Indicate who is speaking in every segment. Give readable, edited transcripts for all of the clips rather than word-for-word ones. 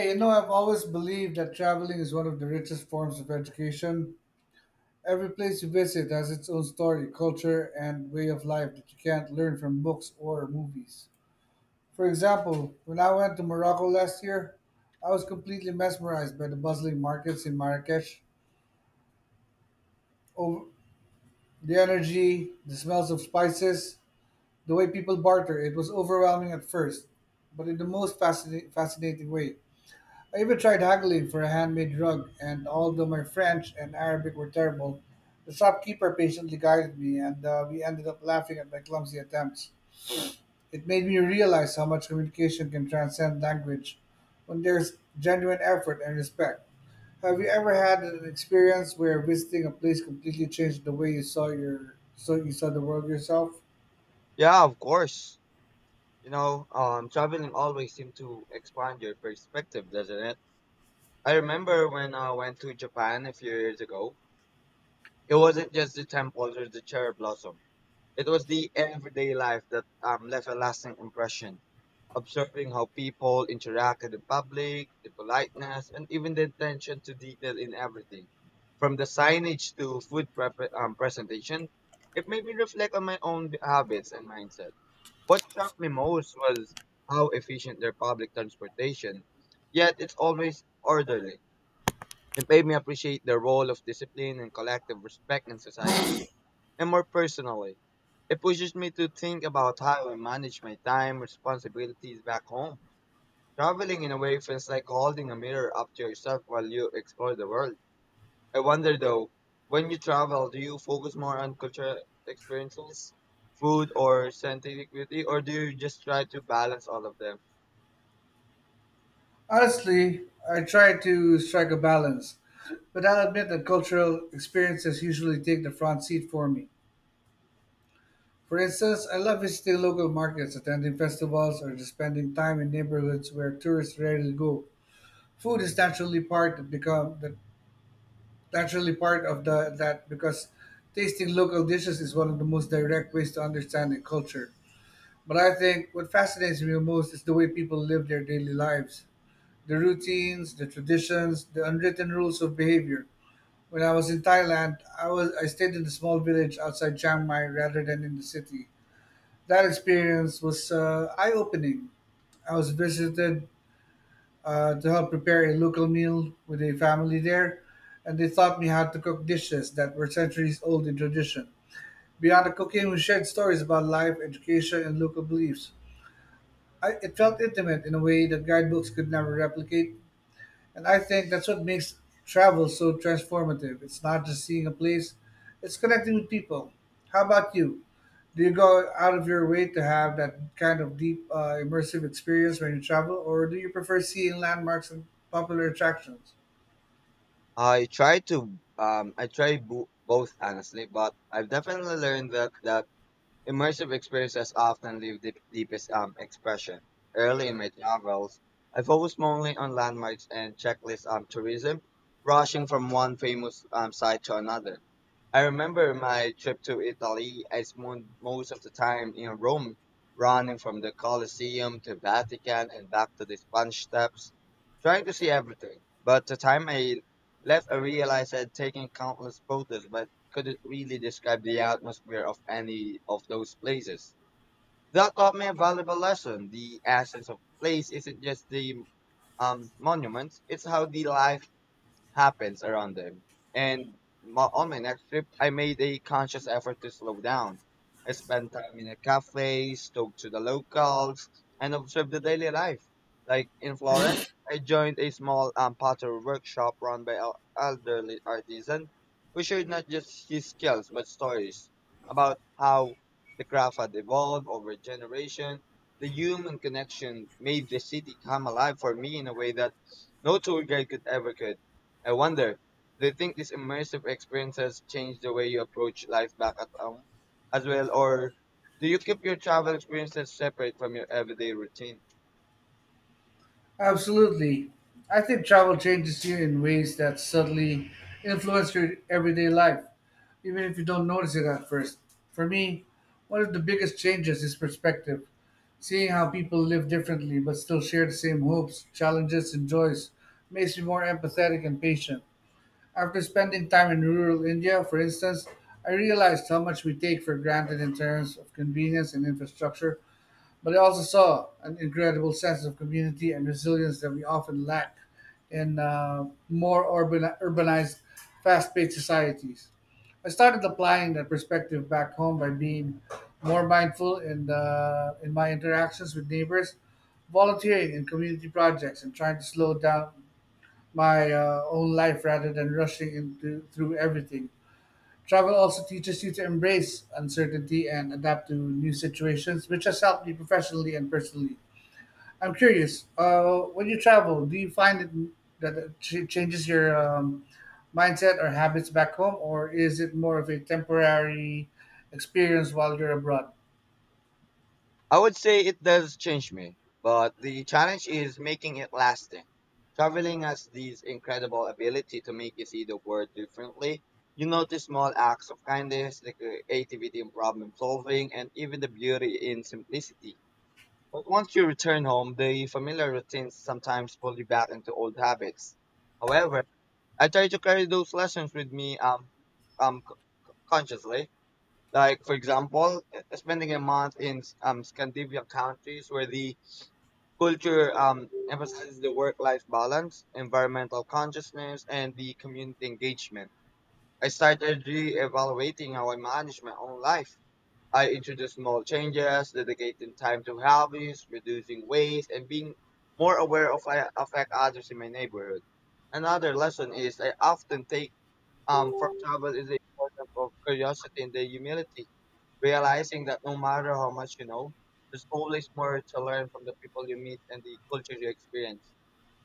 Speaker 1: Hey, you know, I've always believed that traveling is one of the richest forms of education. Every place you visit has its own story, culture, and way of life that you can't learn from books or movies. For example, when I went to Morocco last year, I was completely mesmerized by the bustling markets in Marrakesh. Oh, the energy, the smells of spices, the way people barter. It was overwhelming at first, but in the most fascinating way. I even tried haggling for a handmade rug, and although my French and Arabic were terrible, the shopkeeper patiently guided me, and we ended up laughing at my clumsy attempts. It made me realize how much communication can transcend language when there's genuine effort and respect. Have you ever had an experience where visiting a place completely changed the way you saw the world yourself?
Speaker 2: Yeah, of course. Traveling always seems to expand your perspective, doesn't it? I remember when I went to Japan a few years ago, it wasn't just the temples or the cherry blossom. It was the everyday life that left a lasting impression. Observing how people interacted in public, the politeness, and even the attention to detail in everything. From the signage to presentation, it made me reflect on my own habits and mindset. What shocked me most was how efficient their public transportation, yet it's always orderly. It made me appreciate the role of discipline and collective respect in society, and more personally, it pushes me to think about how I manage my time, responsibilities back home. Traveling in a way feels like holding a mirror up to yourself while you explore the world. I wonder though, when you travel, do you focus more on cultural experiences, food, or scientific beauty, or do you just try to balance all of them?
Speaker 1: Honestly, I try to strike a balance, but I'll admit that cultural experiences usually take the front seat for me. For instance, I love visiting local markets, attending festivals, or just spending time in neighborhoods where tourists rarely go. Food is naturally part that become that Naturally part of the that because tasting local dishes is one of the most direct ways to understand a culture. But I think what fascinates me most is the way people live their daily lives, the routines, the traditions, the unwritten rules of behavior. When I was in Thailand, I stayed in a small village outside Chiang Mai rather than in the city. That experience was eye-opening. I was visited To help prepare a local meal with a family there, and they taught me how to cook dishes that were centuries old in tradition. Beyond the cooking, we shared stories about life, education, and local beliefs. It felt intimate in a way that guidebooks could never replicate. And I think that's what makes travel so transformative. It's not just seeing a place, it's connecting with people. How about you? Do you go out of your way to have that kind of deep, immersive experience when you travel, or do you prefer seeing landmarks and popular attractions?
Speaker 2: I try to I try both, honestly, but I've definitely learned that immersive experiences often leave the deepest expression. Early in my travels, I focused mainly on landmarks and checklist tourism, rushing from one famous site to another. I remember my trip to Italy. I spent most of the time in Rome, running from the Colosseum to Vatican and back to the Spanish Steps, trying to see everything. But the time I left, I realized I'd taken countless photos, but couldn't really describe the atmosphere of any of those places. That taught me a valuable lesson. The essence of place isn't just the monuments; it's how the life happens around them. And on my next trip, I made a conscious effort to slow down. I spent time in a cafe, spoke to the locals, and observed the daily life. Like in Florence, I joined a small pottery workshop run by an elderly artisan who shared not just his skills but stories about how the craft had evolved over generation. The human connection made the city come alive for me in a way that no tour guide could ever could. I wonder, do you think these immersive experiences change the way you approach life back at home as well, or do you keep your travel experiences separate from your everyday routine?
Speaker 1: Absolutely. I think travel changes you in ways that subtly influence your everyday life, even if you don't notice it at first. For me, one of the biggest changes is perspective. Seeing how people live differently but still share the same hopes, challenges, and joys makes me more empathetic and patient. After spending time in rural India, for instance, I realized how much we take for granted in terms of convenience and infrastructure, but I also saw an incredible sense of community and resilience that we often lack in more urbanized, fast paced societies. I started applying that perspective back home by being more mindful in my interactions with neighbors, volunteering in community projects, and trying to slow down my own life rather than rushing into through everything. Travel also teaches you to embrace uncertainty and adapt to new situations, which has helped me professionally and personally. I'm curious, when you travel, do you that it changes your mindset or habits back home, or is it more of a temporary experience while you're abroad?
Speaker 2: I would say it does change me, but the challenge is making it lasting. Traveling has this incredible ability to make you see the world differently. You notice small acts of kindness, the creativity in problem solving, and even the beauty in simplicity. But once you return home, the familiar routines sometimes pull you back into old habits. However, I try to carry those lessons with me um, c- consciously. Like, for example, spending a month in Scandinavian countries where the culture emphasizes the work life balance, environmental consciousness, and the community engagement. I started re evaluating how I manage my own life. I introduce small changes, dedicating time to hobbies, reducing waste, and being more aware of I affect others in my neighborhood. Another lesson is I often take for travel is the importance of curiosity and the humility, realizing that no matter how much you know, there's always more to learn from the people you meet and the culture you experience.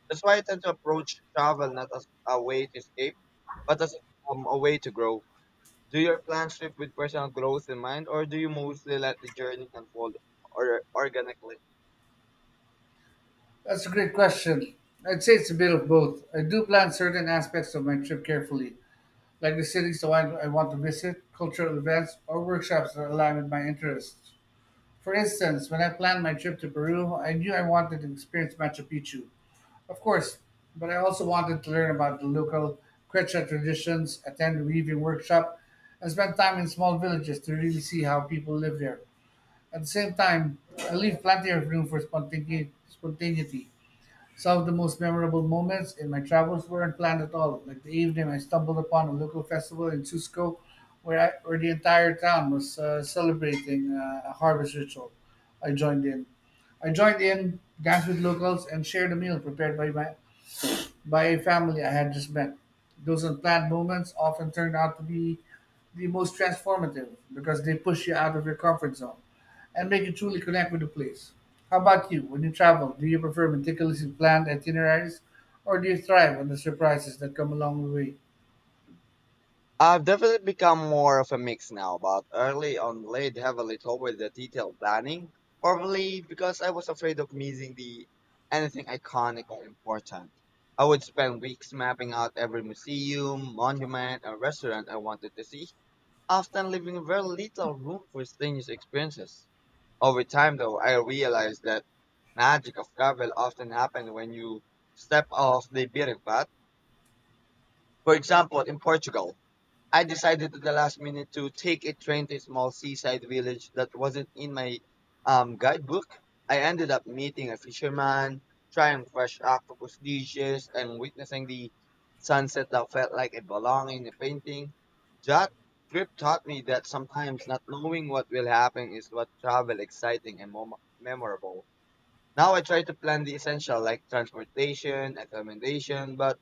Speaker 2: That's why I tend to approach travel not as a way to escape, but as a way to grow. Do your plans shift with personal growth in mind, or do you mostly let the journey unfold or organically?
Speaker 1: That's a great question. I'd say it's a bit of both. I do plan certain aspects of my trip carefully, like the cities that I want to visit, cultural events, or workshops that align with my interests. For instance, when I planned my trip to Peru, I knew I wanted to experience Machu Picchu, of course, but I also wanted to learn about the local Quechua traditions, attend a weaving workshop, and spend time in small villages to really see how people live there. At the same time, I leave plenty of room for spontaneity. Some of the most memorable moments in my travels weren't planned at all, like the evening I stumbled upon a local festival in Cusco where, where the entire town was celebrating a harvest ritual. I joined in. I joined in, danced with locals, and shared a meal prepared by my by a family I had just met. Those unplanned moments often turn out to be the most transformative because they push you out of your comfort zone and make you truly connect with the place. How about you? When you travel, do you prefer meticulously planned itineraries or do you thrive on the surprises that come along the way?
Speaker 2: I've definitely become more of a mix now, but early on laid heavily toward the detailed planning, probably because I was afraid of missing the anything iconic or important. I would spend weeks mapping out every museum, monument, and restaurant I wanted to see, often leaving very little room for spontaneous experiences. Over time, though, I realized that magic of travel often happens when you step off the beaten path. For example, in Portugal, I decided at the last minute to take a train to a small seaside village that wasn't in my guidebook. I ended up meeting a fisherman, trying fresh octopus dishes, and witnessing the sunset that felt like it belonged in a painting. That trip taught me that sometimes not knowing what will happen is what travel exciting and memorable. Now I try to plan the essential like transportation, accommodation, but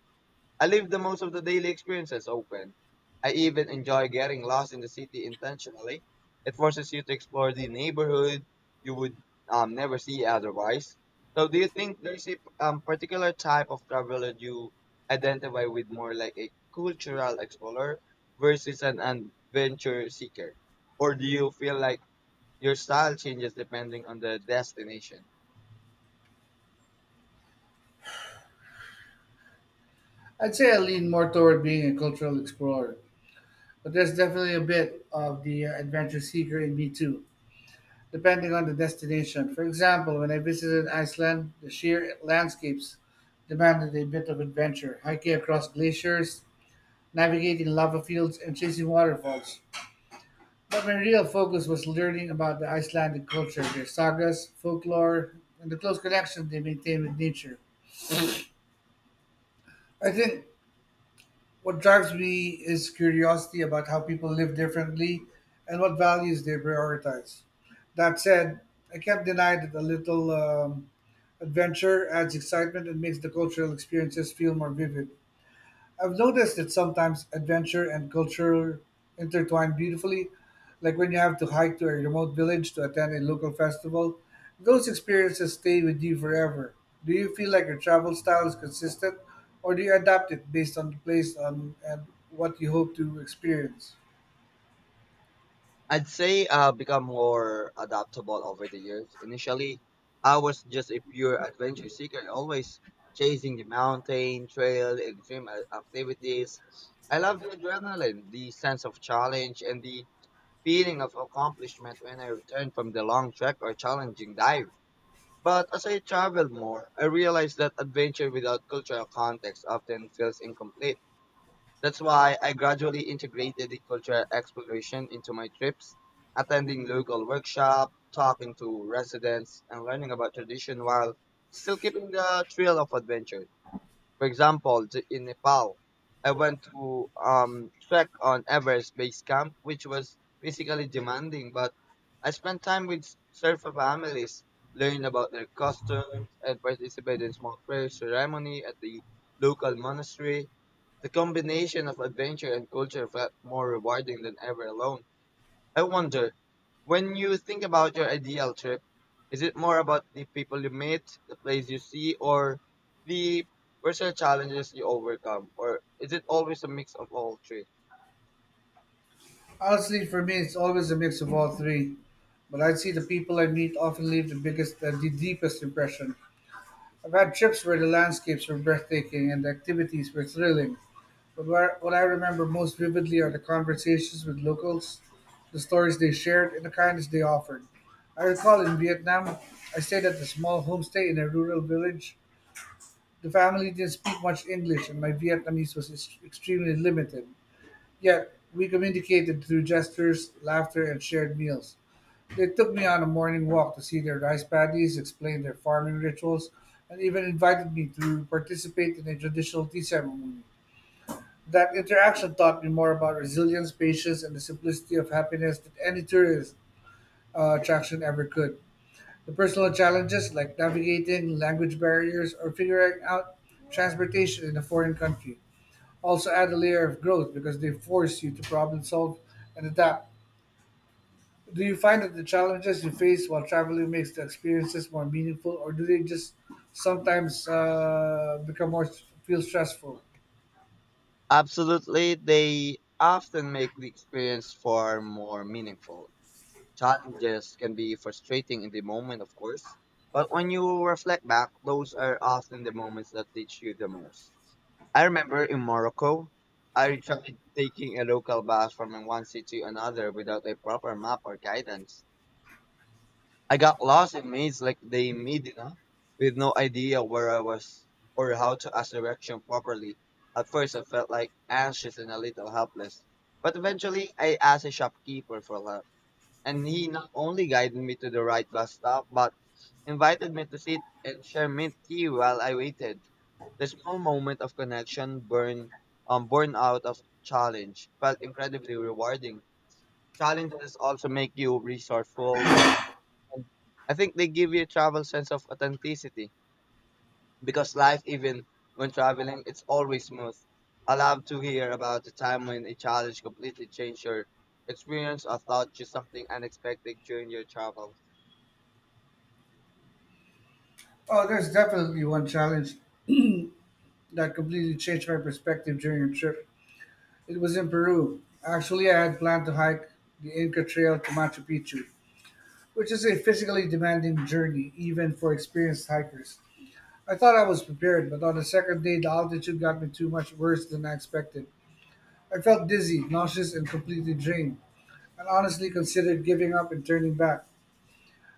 Speaker 2: I leave the most of the daily experiences open. I even enjoy getting lost in the city intentionally. It forces you to explore the neighborhood you would never see otherwise. So, do you think there's a particular type of traveler you identify with more like a cultural explorer versus an adventure seeker? Or do you feel like your style changes depending on the destination?
Speaker 1: I'd say I lean more toward being a cultural explorer, but there's definitely a bit of the adventure seeker in me too, depending on the destination. For example, when I visited Iceland, the sheer landscapes demanded a bit of adventure, hiking across glaciers, navigating lava fields, and chasing waterfalls. But my real focus was learning about the Icelandic culture, their sagas, folklore, and the close connection they maintain with nature. I think What drives me is curiosity about how people live differently and what values they prioritize. That said, I can't deny that a little adventure adds excitement and makes the cultural experiences feel more vivid. I've noticed that sometimes adventure and culture intertwine beautifully, like when you have to hike to a remote village to attend a local festival. Those experiences stay with you forever. Do you feel like your travel style is consistent, or do you adapt it based on and what you hope to experience?
Speaker 2: I'd say I've become more adaptable over the years. Initially, I was just a pure adventure seeker, always chasing the mountain, trail, extreme activities. I love the adrenaline, the sense of challenge, and the feeling of accomplishment when I return from the long trek or challenging dive. But as I traveled more, I realized that adventure without cultural context often feels incomplete. That's why I gradually integrated the cultural exploration into my trips, attending local workshops, talking to residents, and learning about tradition while still keeping the thrill of adventure. For example, in Nepal, I went to trek on Everest Base Camp, which was physically demanding, but I spent time with surfer families, learned about their customs, and participated in small prayer ceremony at the local monastery. The combination of adventure and culture felt more rewarding than ever alone. I wonder, when you think about your ideal trip, is it more about the people you meet, the place you see, or the personal challenges you overcome? Or is it always a mix of all three?
Speaker 1: Honestly, for me, it's always a mix of all three, but I'd see the people I meet often leave the the deepest impression. I've had trips where the landscapes were breathtaking and the activities were thrilling, but what I remember most vividly are the conversations with locals, the stories they shared, and the kindness they offered. I recall in Vietnam, I stayed at a small homestay in a rural village. The family didn't speak much English, and my Vietnamese was extremely limited. Yet, we communicated through gestures, laughter, and shared meals. They took me on a morning walk to see their rice paddies, explain their farming rituals, and even invited me to participate in a traditional tea ceremony. That interaction taught me more about resilience, patience, and the simplicity of happiness than any tourist attraction ever could. The personal challenges, like navigating language barriers or figuring out transportation in a foreign country, also add a layer of growth because they force you to problem solve and adapt. Do you find that the challenges you face while traveling makes the experiences more meaningful, or do they just sometimes become more feel stressful?
Speaker 2: Absolutely, they often make the experience far more meaningful. Challenges can be frustrating in the moment, of course, but when you reflect back, those are often the moments that teach you the most. I remember in Morocco, I tried taking a local bus from one city to another without a proper map or guidance. I got lost in mazes like the Medina with no idea where I was or how to ask direction properly. At first, I felt like anxious and a little helpless, but eventually I asked a shopkeeper for help and he not only guided me to the right bus stop, but invited me to sit and share mint tea while I waited. The small moment of connection born out of challenge felt incredibly rewarding. Challenges also make you resourceful, patient. And I think they give you a travel sense of authenticity because life, even when traveling, it's always smooth. I love to hear about the time when a challenge completely changed your experience or taught you something unexpected during your travels.
Speaker 1: Oh, there's definitely one challenge that completely changed my perspective during a trip. It was in Peru. Actually, I had planned to hike the Inca Trail to Machu Picchu, which is a physically demanding journey even for experienced hikers. I thought I was prepared, but on the second day, the altitude got me too much worse than I expected. I felt dizzy, nauseous, and completely drained, and honestly considered giving up and turning back.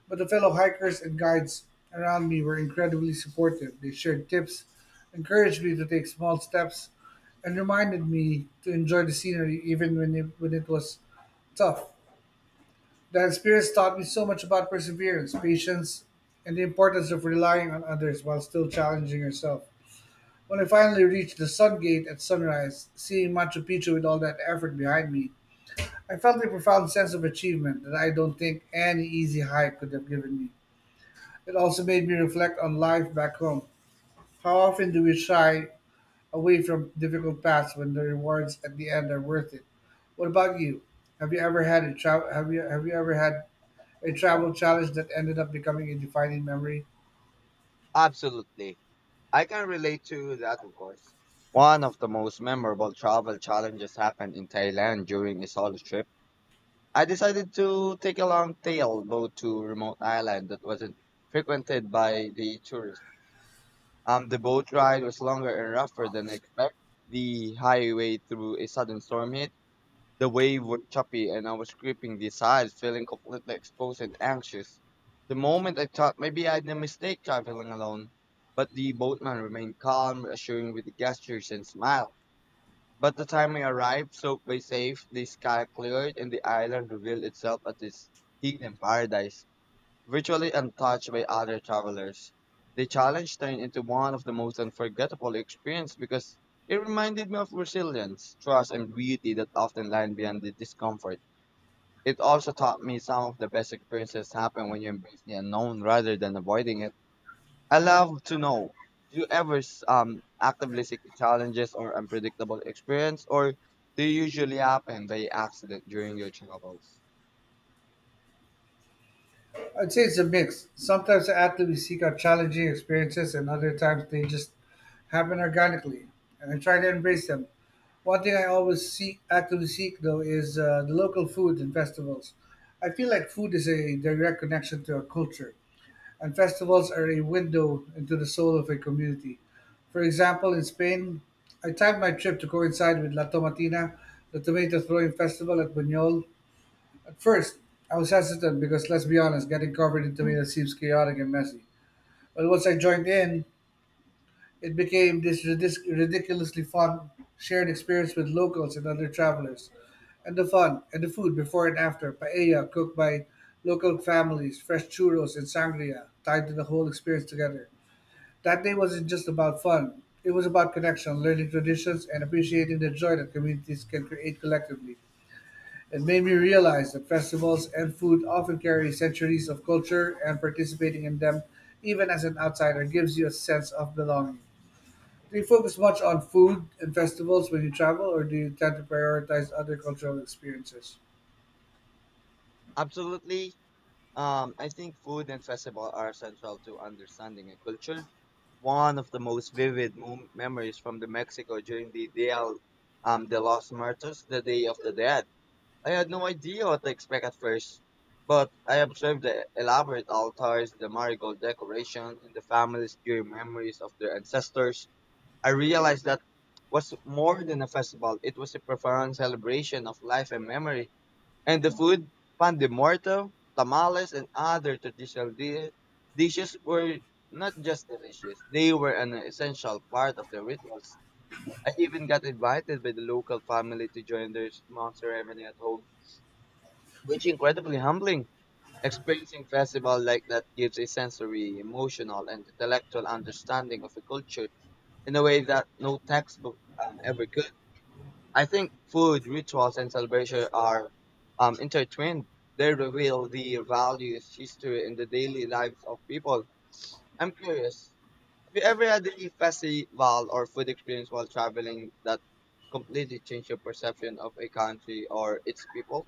Speaker 1: But the fellow hikers and guides around me were incredibly supportive. They shared tips, encouraged me to take small steps, and reminded me to enjoy the scenery even when it was tough. That experience taught me so much about perseverance, patience, and the importance of relying on others while still challenging yourself. When I finally reached the Sun Gate at sunrise, seeing Machu Picchu with all that effort behind me, I felt a profound sense of achievement that I don't think any easy hike could have given me. It also made me reflect on life back home. How often do we shy away from difficult paths when the rewards at the end are worth it? What about you? Have you ever had a tra- have you ever had a travel challenge that ended up becoming a defining memory?
Speaker 2: Absolutely. I can relate to that, of course. One of the most memorable travel challenges happened in Thailand during a solo trip. I decided to take a long tail boat to a remote island that wasn't frequented by the tourists. The boat ride was longer and rougher than expected. The highway through a sudden storm hit, the wave was choppy and I was gripping the sides, feeling completely exposed and anxious. The moment I thought maybe I had a mistake traveling alone, but the boatman remained calm, reassuring with gestures and smile. By the time we arrived, so Bay safe, the sky cleared and the island revealed itself as this hidden paradise virtually untouched by other travelers. The challenge turned into one of the most unforgettable experiences because it reminded me of resilience, trust, and beauty that often lie behind the discomfort. It also taught me some of the best experiences happen when you embrace the unknown rather than avoiding it. I love to know. Do you ever actively seek the challenges or unpredictable experience, or do you usually happen by accident during your travels?
Speaker 1: I'd say it's a mix. Sometimes I actively seek out challenging experiences, and other times they just happen organically, and I try to embrace them. One thing I always actively seek though, is the local food and festivals. I feel like food is a direct connection to our culture, and festivals are a window into the soul of a community. For example, in Spain, I timed my trip to coincide with La Tomatina, the tomato throwing festival at Buñol. At first, I was hesitant because, let's be honest, getting covered in tomatoes seems chaotic and messy. But once I joined in, it became this ridiculously fun shared experience with locals and other travelers. And the fun and the food before and after paella cooked by local families, fresh churros and sangria tied to the whole experience together. That day wasn't just about fun. It was about connection, learning traditions, and appreciating the joy that communities can create collectively. It made me realize that festivals and food often carry centuries of culture, and participating in them, even as an outsider, gives you a sense of belonging. Do you focus much on food and festivals when you travel, or do you tend to prioritize other cultural experiences?
Speaker 2: Absolutely. I think food and festival are central to understanding a culture. One of the most vivid memories from the Mexico during the Dia de los Muertos, the Day of the Dead. I had no idea what to expect at first, but I observed the elaborate altars, the marigold decoration, and the families' pure memories of their ancestors. I realized that was more than a festival; it was a profound celebration of life and memory. And the food, pan de muerto, tamales, and other traditional dishes were not just delicious, they were an essential part of the rituals. I even got invited by the local family to join their small ceremony at home, which incredibly humbling. Experiencing festival like that gives a sensory, emotional, and intellectual understanding of a culture in a way that no textbook ever could. I think food, rituals, and celebration are intertwined. They reveal the values, history, and the daily lives of people. I'm curious, have you ever had a festival or food experience while traveling that completely changed your perception of a country or its people?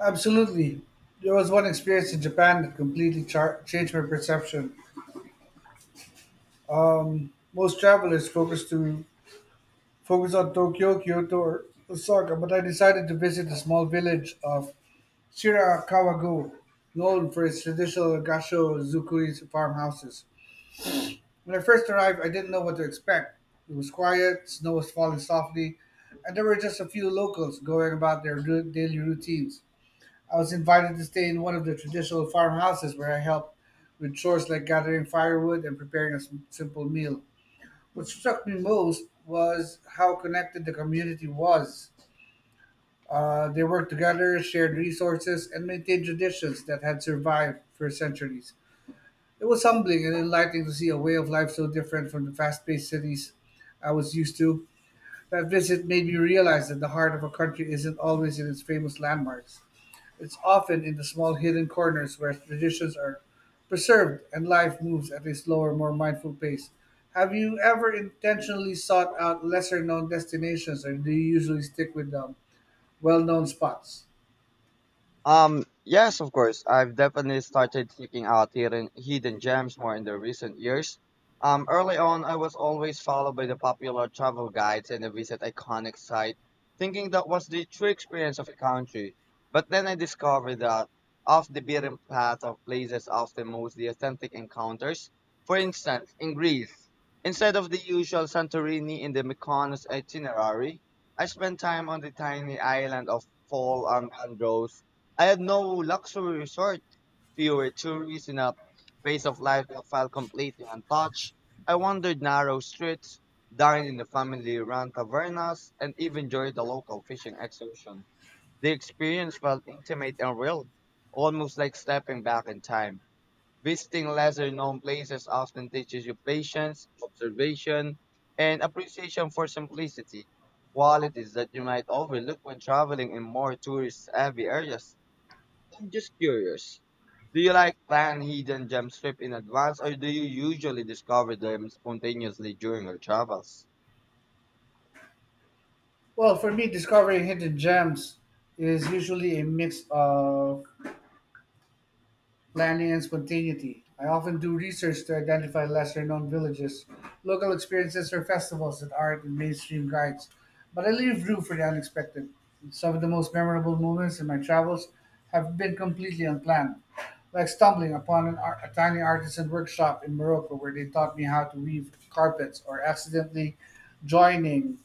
Speaker 1: Absolutely. There was one experience in Japan that completely changed my perception. Most travelers focus on Tokyo, Kyoto, or Osaka, but I decided to visit the small village of Shirakawago, known for its traditional gasho zukuri farmhouses. When I first arrived, I didn't know what to expect. It was quiet, snow was falling softly, and there were just a few locals going about their daily routines. I was invited to stay in one of the traditional farmhouses where I helped with chores like gathering firewood and preparing a simple meal. What struck me most was how connected the community was. They worked together, shared resources, and maintained traditions that had survived for centuries. It was humbling and enlightening to see a way of life so different from the fast paced cities I was used to. That visit made me realize that the heart of a country isn't always in its famous landmarks. It's often in the small hidden corners where traditions are preserved and life moves at a slower, more mindful pace. Have you ever intentionally sought out lesser known destinations or do you usually stick with well known spots?
Speaker 2: Yes, of course. I've definitely started seeking out hidden gems more in the recent years. Early on, I was always followed by the popular travel guides and a visit iconic site, thinking that was the true experience of a country. But then I discovered that off the beaten path of places often most the authentic encounters. For instance, in Greece, instead of the usual Santorini in the Mykonos itinerary, I spent time on the tiny island of Paul and Andros. I had no luxury resort, fewer tourists in a pace of life that felt completely untouched. I wandered narrow streets, dined in the family-run tavernas, and even joined the local fishing excursion. The experience felt intimate and real, almost like stepping back in time. Visiting lesser-known places often teaches you patience, observation, and appreciation for simplicity, qualities that you might overlook when traveling in more tourist-heavy areas. I'm just curious. Do you like plan hidden gem trip in advance or do you usually discover them spontaneously during your travels?
Speaker 1: Well, for me, discovering hidden gems is usually a mix of planning, and spontaneity. I often do research to identify lesser known villages, local experiences, or festivals that aren't in mainstream guides, but I leave room for the unexpected. Some of the most memorable moments in my travels have been completely unplanned, like stumbling upon a tiny artisan workshop in Morocco where they taught me how to weave carpets, or accidentally joining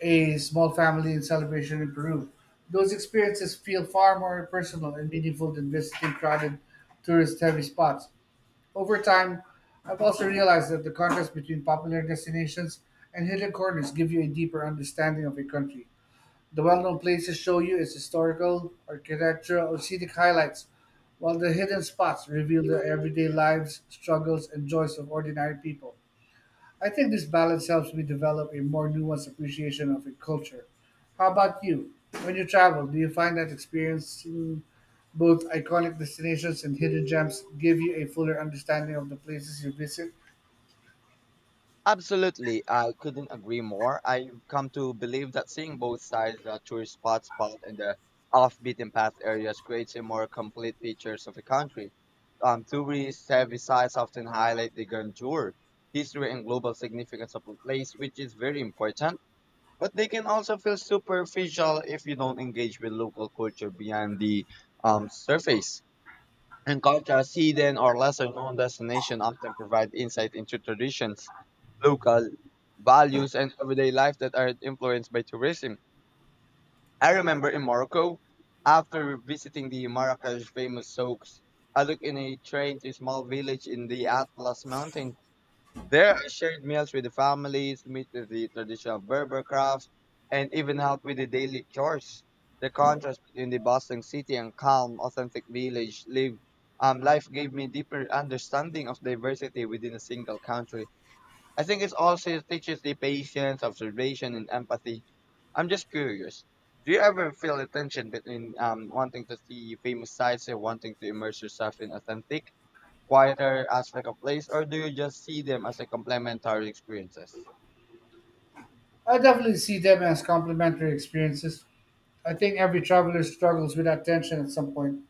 Speaker 1: a small family and celebration in Peru. Those experiences feel far more personal and meaningful than visiting crowded tourist heavy spots. Over time, I've also realized that the contrast between popular destinations and hidden corners give you a deeper understanding of a country. The well known places show you its historical, architectural, or scenic highlights, while the hidden spots reveal the everyday lives, struggles, and joys of ordinary people. I think this balance helps me develop a more nuanced appreciation of a culture. How about you? When you travel, do you find that experiencing both iconic destinations and hidden gems give you a fuller understanding of the places you visit?
Speaker 2: Absolutely, I couldn't agree more. I've come to believe that seeing both sides, the tourist spot and the off-beaten path areas creates a more complete pictures of a country. Tourist heavy sites often highlight the grandeur, history and global significance of a place, which is very important. But they can also feel superficial if you don't engage with local culture beyond the surface. In contrast, hidden or lesser known destinations often provide insight into traditions, local values, and everyday life that are influenced by tourism. I remember in Morocco, after visiting the Marrakesh famous souks, I looked in a train to a small village in the Atlas Mountains there are shared meals with the families, meet with the traditional Berber crafts, and even help with the daily chores. The contrast between the bustling city and calm, authentic village live life gave me deeper understanding of diversity within a single country. I think it also teaches the patience, observation, and empathy. I'm just curious. Do you ever feel the tension between wanting to see famous sites and wanting to immerse yourself in authentic, quieter aspect of place, or do you just see them as a complementary experiences?
Speaker 1: I definitely see them as complementary experiences. I think every traveler struggles with that tension at some point,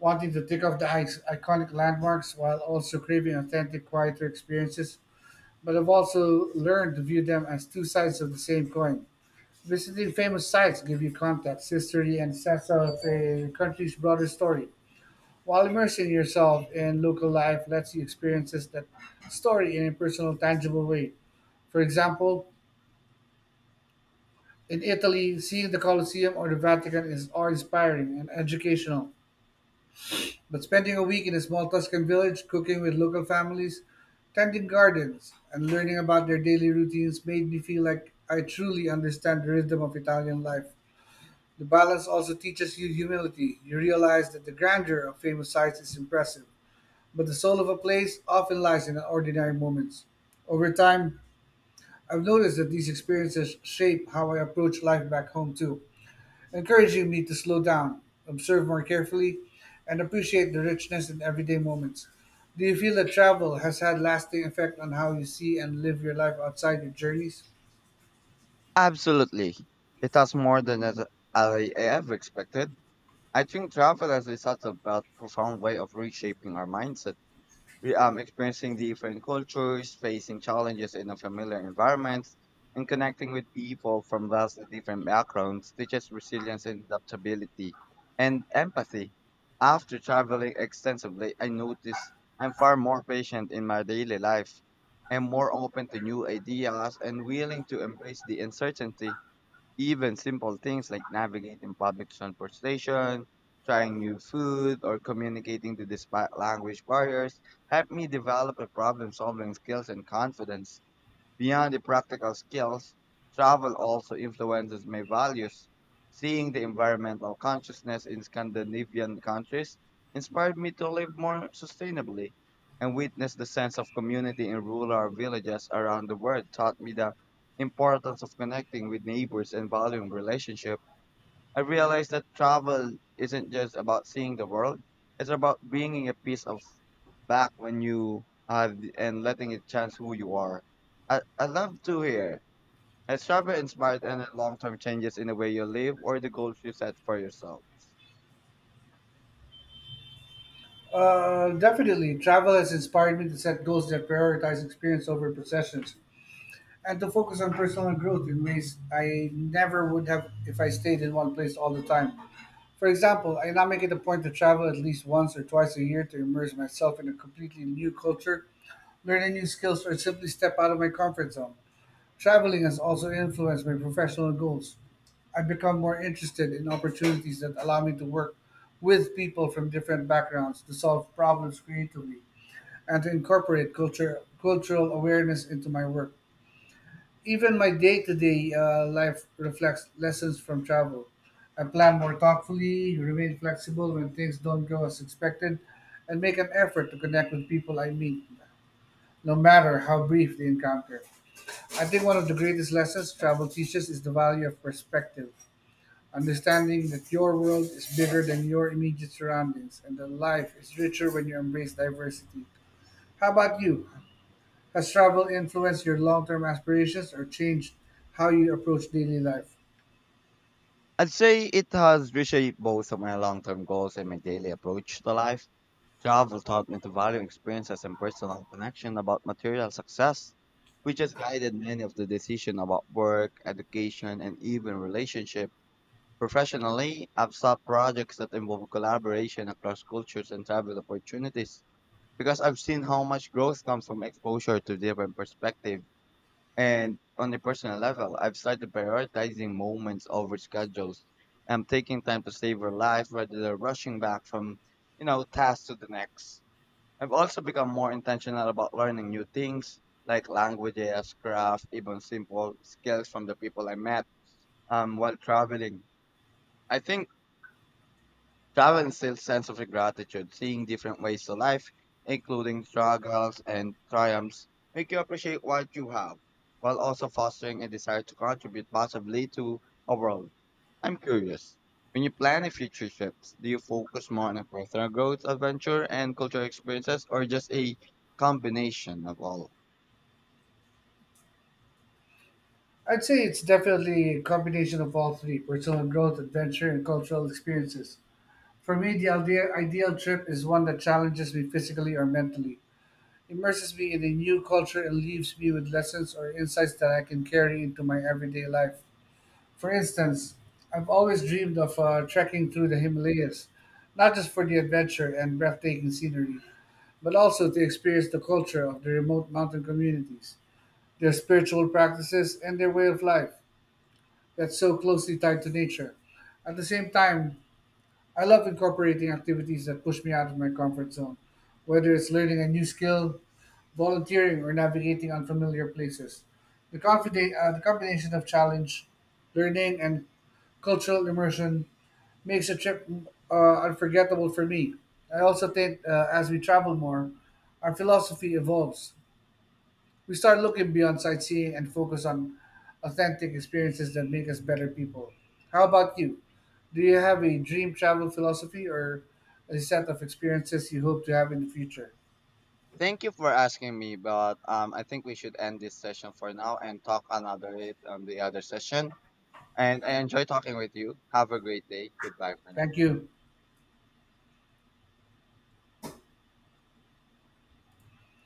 Speaker 1: wanting to tick off the iconic landmarks while also craving authentic, quieter experiences. But I've also learned to view them as two sides of the same coin. Visiting famous sites give you context, history, and sense of a country's broader story, while immersing yourself in local life lets you experience that story in a personal, tangible way. For example, in Italy, seeing the Colosseum or the Vatican is awe-inspiring and educational. But spending a week in a small Tuscan village, cooking with local families, tending gardens, and learning about their daily routines made me feel like I truly understand the rhythm of Italian life. The balance also teaches you humility. You realize that the grandeur of famous sites is impressive, but the soul of a place often lies in ordinary moments. Over time, I've noticed that these experiences shape how I approach life back home too, encouraging me to slow down, observe more carefully, and appreciate the richness in everyday moments. Do you feel that travel has had lasting effect on how you see and live your life outside your journeys?
Speaker 2: Absolutely. It has more than as I ever expected. I think travel has a subtle but profound way of reshaping our mindset. Experiencing different cultures, facing challenges in a familiar environment, and connecting with people from vastly different backgrounds teaches resilience and adaptability and empathy. After traveling extensively, I noticed I'm far more patient in my daily life. I'm more open to new ideas and willing to embrace the uncertainty. Even simple things like navigating public transportation, trying new food, or communicating to despite language barriers help me develop a problem solving skills and confidence. Beyond the practical skills, travel also influences my values. Seeing the environmental consciousness in Scandinavian countries inspired me to live more sustainably, and witness the sense of community in rural villages around the world taught me the importance of connecting with neighbors and valuing relationships. I realized that travel isn't just about seeing the world, it's about bringing a piece of back when you have and letting it chance who you are. I love to hear. Has travel inspired any long term changes in the way you live or the goals you set for yourself?
Speaker 1: Definitely. Travel has inspired me to set goals that prioritize experience over possessions, and to focus on personal growth it means I never would have if I stayed in one place all the time. For example, I now make it a point to travel at least once or twice a year to immerse myself in a completely new culture, learn a new skills or simply step out of my comfort zone. Traveling has also influenced my professional goals. I've become more interested in opportunities that allow me to work with people from different backgrounds to solve problems creatively and to incorporate cultural awareness into my work. Even my day to day life reflects lessons from travel. I plan more thoughtfully, remain flexible when things don't go as expected, and make an effort to connect with people I meet, no matter how brief the encounter. I think one of the greatest lessons travel teaches is the value of perspective. Understanding that your world is bigger than your immediate surroundings and that life is richer when you embrace diversity. How about you? Has travel influenced your long term aspirations or changed how you approach daily life?
Speaker 2: I'd say it has reshaped both of my long term goals and my daily approach to life. Travel taught me to value experiences and personal connection about material success, which has guided many of the decisions about work, education, and even relationship. Professionally, I've sought projects that involve collaboration across cultures and travel opportunities because I've seen how much growth comes from exposure to different perspectives. And on a personal level, I've started prioritizing moments over schedules. I'm taking time to savor life rather than rushing back from, you know, task to the next. I've also become more intentional about learning new things like languages, craft, even simple skills from the people I met while traveling. I think travel instills sense of gratitude, seeing different ways of life, including struggles and triumphs, make you appreciate what you have, while also fostering a desire to contribute positively to a world. I'm curious. When you plan a future trip, do you focus more on a personal growth adventure and cultural experiences or just a combination of all?
Speaker 1: I'd say it's definitely a combination of all three personal growth, adventure, and cultural experiences. For me, the ideal trip is one that challenges me physically or mentally, immerses me in a new culture, and leaves me with lessons or insights that I can carry into my everyday life. For instance, I've always dreamed of trekking through the Himalayas, not just for the adventure and breathtaking scenery, but also to experience the culture of the remote mountain communities, their spiritual practices, and their way of life that's so closely tied to nature. At the same time, I love incorporating activities that push me out of my comfort zone, whether it's learning a new skill, volunteering, or navigating unfamiliar places. The combination of challenge, learning, and cultural immersion makes a trip unforgettable for me. I also think as we travel more, our philosophy evolves. We start looking beyond sightseeing and focus on authentic experiences that make us better people. How about you? Do you have a dream travel philosophy or a set of experiences you hope to have in the future?
Speaker 2: Thank you for asking me, but I think we should end this session for now and talk another it on the other session. And I enjoy talking with you. Have a great day. Goodbye for
Speaker 1: Thank
Speaker 2: now.
Speaker 1: you.